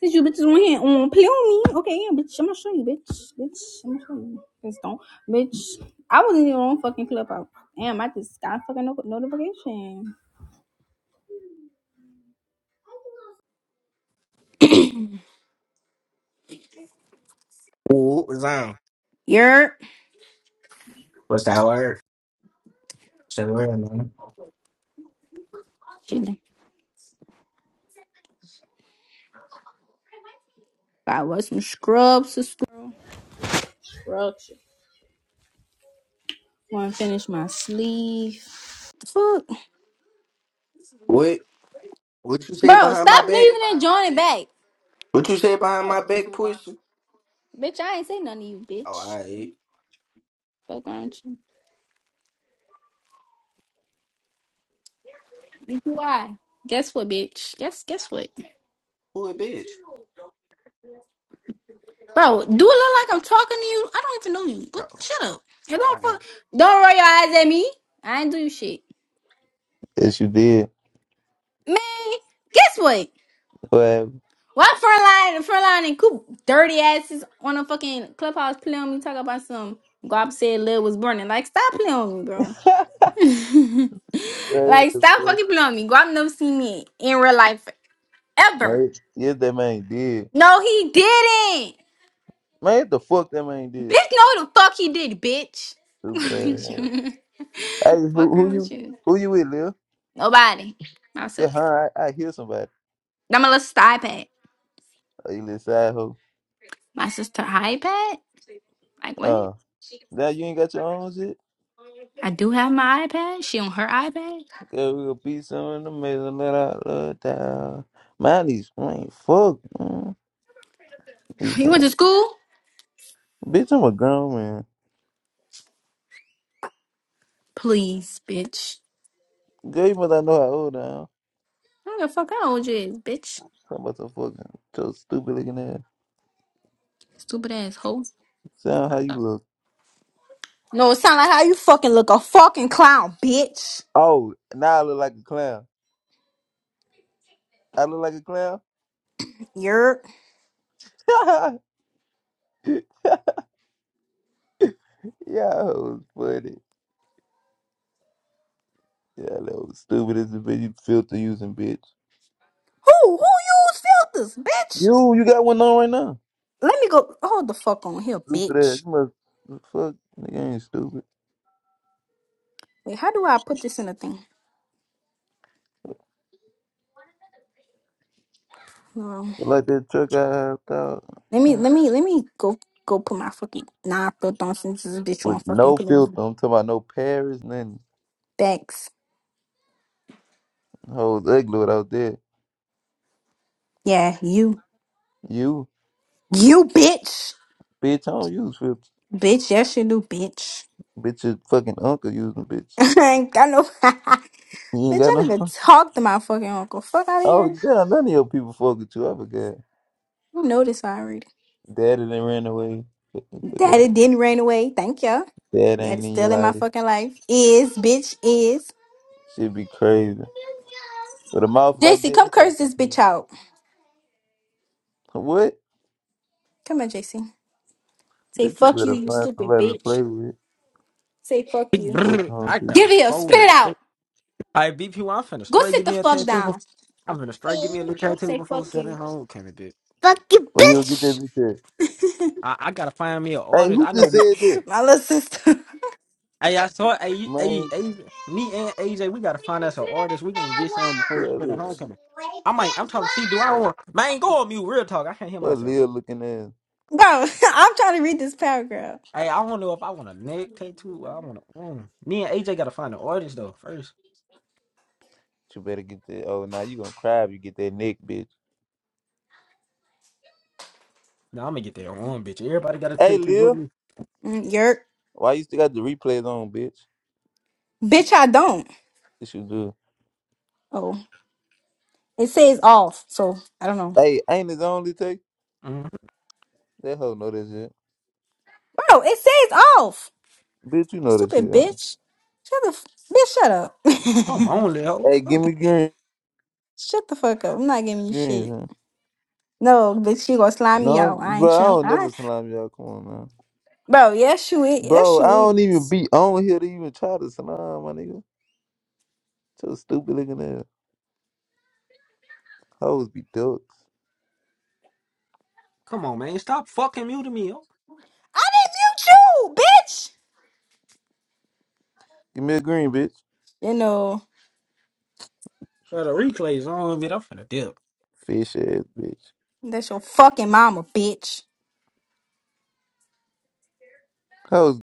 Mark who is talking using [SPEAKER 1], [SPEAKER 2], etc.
[SPEAKER 1] Since you bitches on here on play on me, okay, yeah, bitch, I'm gonna show you, bitch, bitch, I'm gonna show you. Just don't, bitch. I wasn't even on fucking clubhouse. Damn, I just got a fucking no- notification.
[SPEAKER 2] Ooh, Zion.
[SPEAKER 1] You're
[SPEAKER 2] What's that word? What's that word, man?
[SPEAKER 1] I was some scrubs, some scrubs. Want to finish my sleeve? fuck.
[SPEAKER 2] What? What you say
[SPEAKER 1] Bro,
[SPEAKER 2] behind my
[SPEAKER 1] stop
[SPEAKER 2] back?
[SPEAKER 1] leaving and joining back.
[SPEAKER 2] What you say behind
[SPEAKER 1] Oh,
[SPEAKER 2] my back, Pussy.
[SPEAKER 1] bitch, I ain't say nothing to you,
[SPEAKER 2] Oh,
[SPEAKER 1] bitch.
[SPEAKER 2] I.
[SPEAKER 1] Fuck aren't you? Why? Guess what, bitch? Guess guess what?
[SPEAKER 2] Who a bitch?
[SPEAKER 1] Bro, do it look like I'm talking to you? I don't even know you. But
[SPEAKER 2] No.
[SPEAKER 1] shut up.
[SPEAKER 2] Oh,
[SPEAKER 1] And don't
[SPEAKER 2] alright.
[SPEAKER 1] fuck- don't roll your eyes at me. I ain't do you shit.
[SPEAKER 3] Yes, you did.
[SPEAKER 1] Man, guess what?
[SPEAKER 3] Well,
[SPEAKER 1] Why frontline frontline and Coop dirty asses on a fucking clubhouse playing on me talking about some Gob said Lil was burning. Like stop playing on me, bro.
[SPEAKER 3] man, what
[SPEAKER 1] like
[SPEAKER 3] the
[SPEAKER 1] stop
[SPEAKER 3] fuck?
[SPEAKER 1] fucking playing on me. Guap never seen me in real life ever.
[SPEAKER 3] Man, yes, that man did.
[SPEAKER 1] No, he didn't.
[SPEAKER 3] Man, what the fuck that man did?
[SPEAKER 1] Bitch, no the fuck he did, bitch.
[SPEAKER 3] Stupid ass. Hey, who,
[SPEAKER 1] Fuck
[SPEAKER 3] who
[SPEAKER 1] around with
[SPEAKER 3] you
[SPEAKER 1] you.
[SPEAKER 3] who you with, Lil?
[SPEAKER 1] Nobody.
[SPEAKER 3] Yeah,
[SPEAKER 1] Myself.
[SPEAKER 3] huh? I, I hear somebody.
[SPEAKER 1] I'm a little sister iPad.
[SPEAKER 3] Oh, you little side hoe.
[SPEAKER 1] My sister iPad? Like what?
[SPEAKER 3] Uh, now you ain't got your own shit?
[SPEAKER 1] I do have my iPad. She on her iPad.
[SPEAKER 3] Yeah, we gonna beat some in the middle of that love down. Man, these man, fuck. Mm, need
[SPEAKER 1] You went
[SPEAKER 3] some.
[SPEAKER 1] to school?
[SPEAKER 3] Bitch, I'm a grown man.
[SPEAKER 1] Please, bitch.
[SPEAKER 3] Girl, you must not know how old I am.
[SPEAKER 1] I don't give a fuck how old you is, bitch.
[SPEAKER 3] Talking about some fucking so stupid looking ass.
[SPEAKER 1] Stupid ass hoe.
[SPEAKER 3] Sound how you look.
[SPEAKER 1] No, it sound like how you fucking look a fucking clown, bitch.
[SPEAKER 3] Oh, now I look like a clown. I look like a clown.
[SPEAKER 1] You're
[SPEAKER 3] yeah, that was funny. Yeah, that was stupid as a bitch. You filter using bitch.
[SPEAKER 1] who who use filters, bitch?
[SPEAKER 3] You, you got one on right now.
[SPEAKER 1] Let me go hold the fuck on here,
[SPEAKER 3] Stupid ass.
[SPEAKER 1] bitch.
[SPEAKER 3] You must fuck. Nigga ain't stupid.
[SPEAKER 1] Wait, how do I put this in a thing? No.
[SPEAKER 3] You like that truck I have out
[SPEAKER 1] Let me
[SPEAKER 3] uh,
[SPEAKER 1] let me let me go go put my fucking nah filth on since this bitch won't
[SPEAKER 3] with
[SPEAKER 1] fucking
[SPEAKER 3] no
[SPEAKER 1] put it on.
[SPEAKER 3] filter. I'm talking about no Paris, nothing.
[SPEAKER 1] Thanks.
[SPEAKER 3] Hoes ugly without that.
[SPEAKER 1] Yeah, you
[SPEAKER 3] You,
[SPEAKER 1] you bitch.
[SPEAKER 3] bitch, I don't use filters.
[SPEAKER 1] Bitch, yes you do, bitch.
[SPEAKER 3] Bitch, your fucking uncle using bitch.
[SPEAKER 1] I ain't got no bitch, I
[SPEAKER 3] You ain't got
[SPEAKER 1] didn't
[SPEAKER 3] no.
[SPEAKER 1] even talk to my fucking uncle. Fuck out of
[SPEAKER 3] Oh
[SPEAKER 1] here.
[SPEAKER 3] damn, none of your people fuck with you. I forgot.
[SPEAKER 1] You know this already.
[SPEAKER 3] Daddy done ran away. Fucking
[SPEAKER 1] That
[SPEAKER 3] Forgot.
[SPEAKER 1] it didn't rain away. Thank you.
[SPEAKER 3] Dad
[SPEAKER 1] That
[SPEAKER 3] ain't
[SPEAKER 1] is
[SPEAKER 3] in your
[SPEAKER 1] still in my
[SPEAKER 3] life.
[SPEAKER 1] fucking life. Is bitch is.
[SPEAKER 3] Shit be crazy. With a mouth like
[SPEAKER 1] JC,
[SPEAKER 3] that,
[SPEAKER 1] come
[SPEAKER 3] that's like
[SPEAKER 1] curse this
[SPEAKER 3] shit.
[SPEAKER 1] bitch out.
[SPEAKER 3] What?
[SPEAKER 1] Come on, JC. Say
[SPEAKER 3] Bitch, you
[SPEAKER 1] fuck you,
[SPEAKER 3] better
[SPEAKER 1] you
[SPEAKER 3] find
[SPEAKER 1] stupid
[SPEAKER 3] somebody to play
[SPEAKER 1] bitch.
[SPEAKER 3] with.
[SPEAKER 1] Say fuck
[SPEAKER 4] Big
[SPEAKER 1] you.
[SPEAKER 3] Fuck
[SPEAKER 4] brr,
[SPEAKER 3] on
[SPEAKER 4] I
[SPEAKER 3] to.
[SPEAKER 4] got
[SPEAKER 1] Give
[SPEAKER 4] a
[SPEAKER 1] it up.
[SPEAKER 4] soul
[SPEAKER 1] Spit
[SPEAKER 4] in.
[SPEAKER 1] it out.
[SPEAKER 4] shit. All right, BP, well, I'm finna
[SPEAKER 1] Go
[SPEAKER 4] straight
[SPEAKER 1] sit
[SPEAKER 4] give
[SPEAKER 1] the
[SPEAKER 4] me a
[SPEAKER 1] fuck
[SPEAKER 4] tattoo.
[SPEAKER 1] down.
[SPEAKER 4] Before, I'm finna straight give me a new tattoo
[SPEAKER 1] Say
[SPEAKER 4] before
[SPEAKER 1] fuck
[SPEAKER 4] sitting
[SPEAKER 1] you.
[SPEAKER 4] home, Kevin. Did
[SPEAKER 1] Fuck you,
[SPEAKER 3] When you get that
[SPEAKER 1] bitch.
[SPEAKER 3] bitch at?
[SPEAKER 4] I, I gotta find me an
[SPEAKER 3] Hey,
[SPEAKER 4] artist?
[SPEAKER 3] who
[SPEAKER 4] I
[SPEAKER 3] just
[SPEAKER 4] know.
[SPEAKER 3] said that?
[SPEAKER 1] My little sister.
[SPEAKER 4] Hey, I saw. Hey, you- hey,
[SPEAKER 3] Man,
[SPEAKER 4] hey, me and AJ, we gotta find us an artist. We gonna get some before
[SPEAKER 3] tell
[SPEAKER 4] sitting
[SPEAKER 3] it.
[SPEAKER 4] home, Kevin. I might. I'm talking. See, do I want? Man, go on mute. Real talk. I can't hear
[SPEAKER 3] What
[SPEAKER 4] myself.
[SPEAKER 3] Lil looking ass.
[SPEAKER 1] Bro, I'm trying to read this paragraph.
[SPEAKER 4] Hey, I don't know if I want a neck tattoo. Or I want to. arm. Me and AJ gotta find an artist though first.
[SPEAKER 3] You better get that. Oh, now you gonna cry if you get that neck, bitch.
[SPEAKER 4] Now I'm gonna get that on, bitch. Everybody got a
[SPEAKER 3] Hey,
[SPEAKER 4] tattoo with
[SPEAKER 3] Lil.
[SPEAKER 4] me.
[SPEAKER 1] Mm, Yerk.
[SPEAKER 3] Why you still got the replays on, bitch?
[SPEAKER 1] Bitch, I don't.
[SPEAKER 3] This you do.
[SPEAKER 1] Oh. It says off, so I don't know.
[SPEAKER 3] Hey, ain't his only take?
[SPEAKER 4] hmm
[SPEAKER 3] That hoe know that shit.
[SPEAKER 1] Bro, it says off.
[SPEAKER 3] Bitch, you know that shit.
[SPEAKER 1] Stupid
[SPEAKER 3] Huh?
[SPEAKER 1] bitch. Shut the f- bitch, shut up.
[SPEAKER 4] I'm only hoe.
[SPEAKER 3] Hey,
[SPEAKER 4] Fuck.
[SPEAKER 3] give me green.
[SPEAKER 1] shut the fuck up. I'm not giving you
[SPEAKER 3] Green.
[SPEAKER 1] shit.
[SPEAKER 3] huh?
[SPEAKER 1] No, bitch, you gonna slime me
[SPEAKER 3] No,
[SPEAKER 1] out. I
[SPEAKER 3] bro,
[SPEAKER 1] ain't
[SPEAKER 3] I
[SPEAKER 1] trim.
[SPEAKER 3] don't
[SPEAKER 1] I
[SPEAKER 3] never salam y'all. Come on, man.
[SPEAKER 1] bro, yes you is. Yes
[SPEAKER 3] Bro, I
[SPEAKER 1] you
[SPEAKER 3] don't even
[SPEAKER 1] is.
[SPEAKER 3] be on here to even try to salam, my nigga. So stupid looking ass. Hoes be ducks.
[SPEAKER 4] Come on, man. Stop fucking muting me. Oh,
[SPEAKER 1] I didn't mute you, bitch!
[SPEAKER 3] Give me a green, bitch.
[SPEAKER 1] You know,
[SPEAKER 4] the replays on, man. I'm finna dip.
[SPEAKER 3] Fish ass, bitch.
[SPEAKER 1] that's your fucking mama, bitch.
[SPEAKER 3] Hoes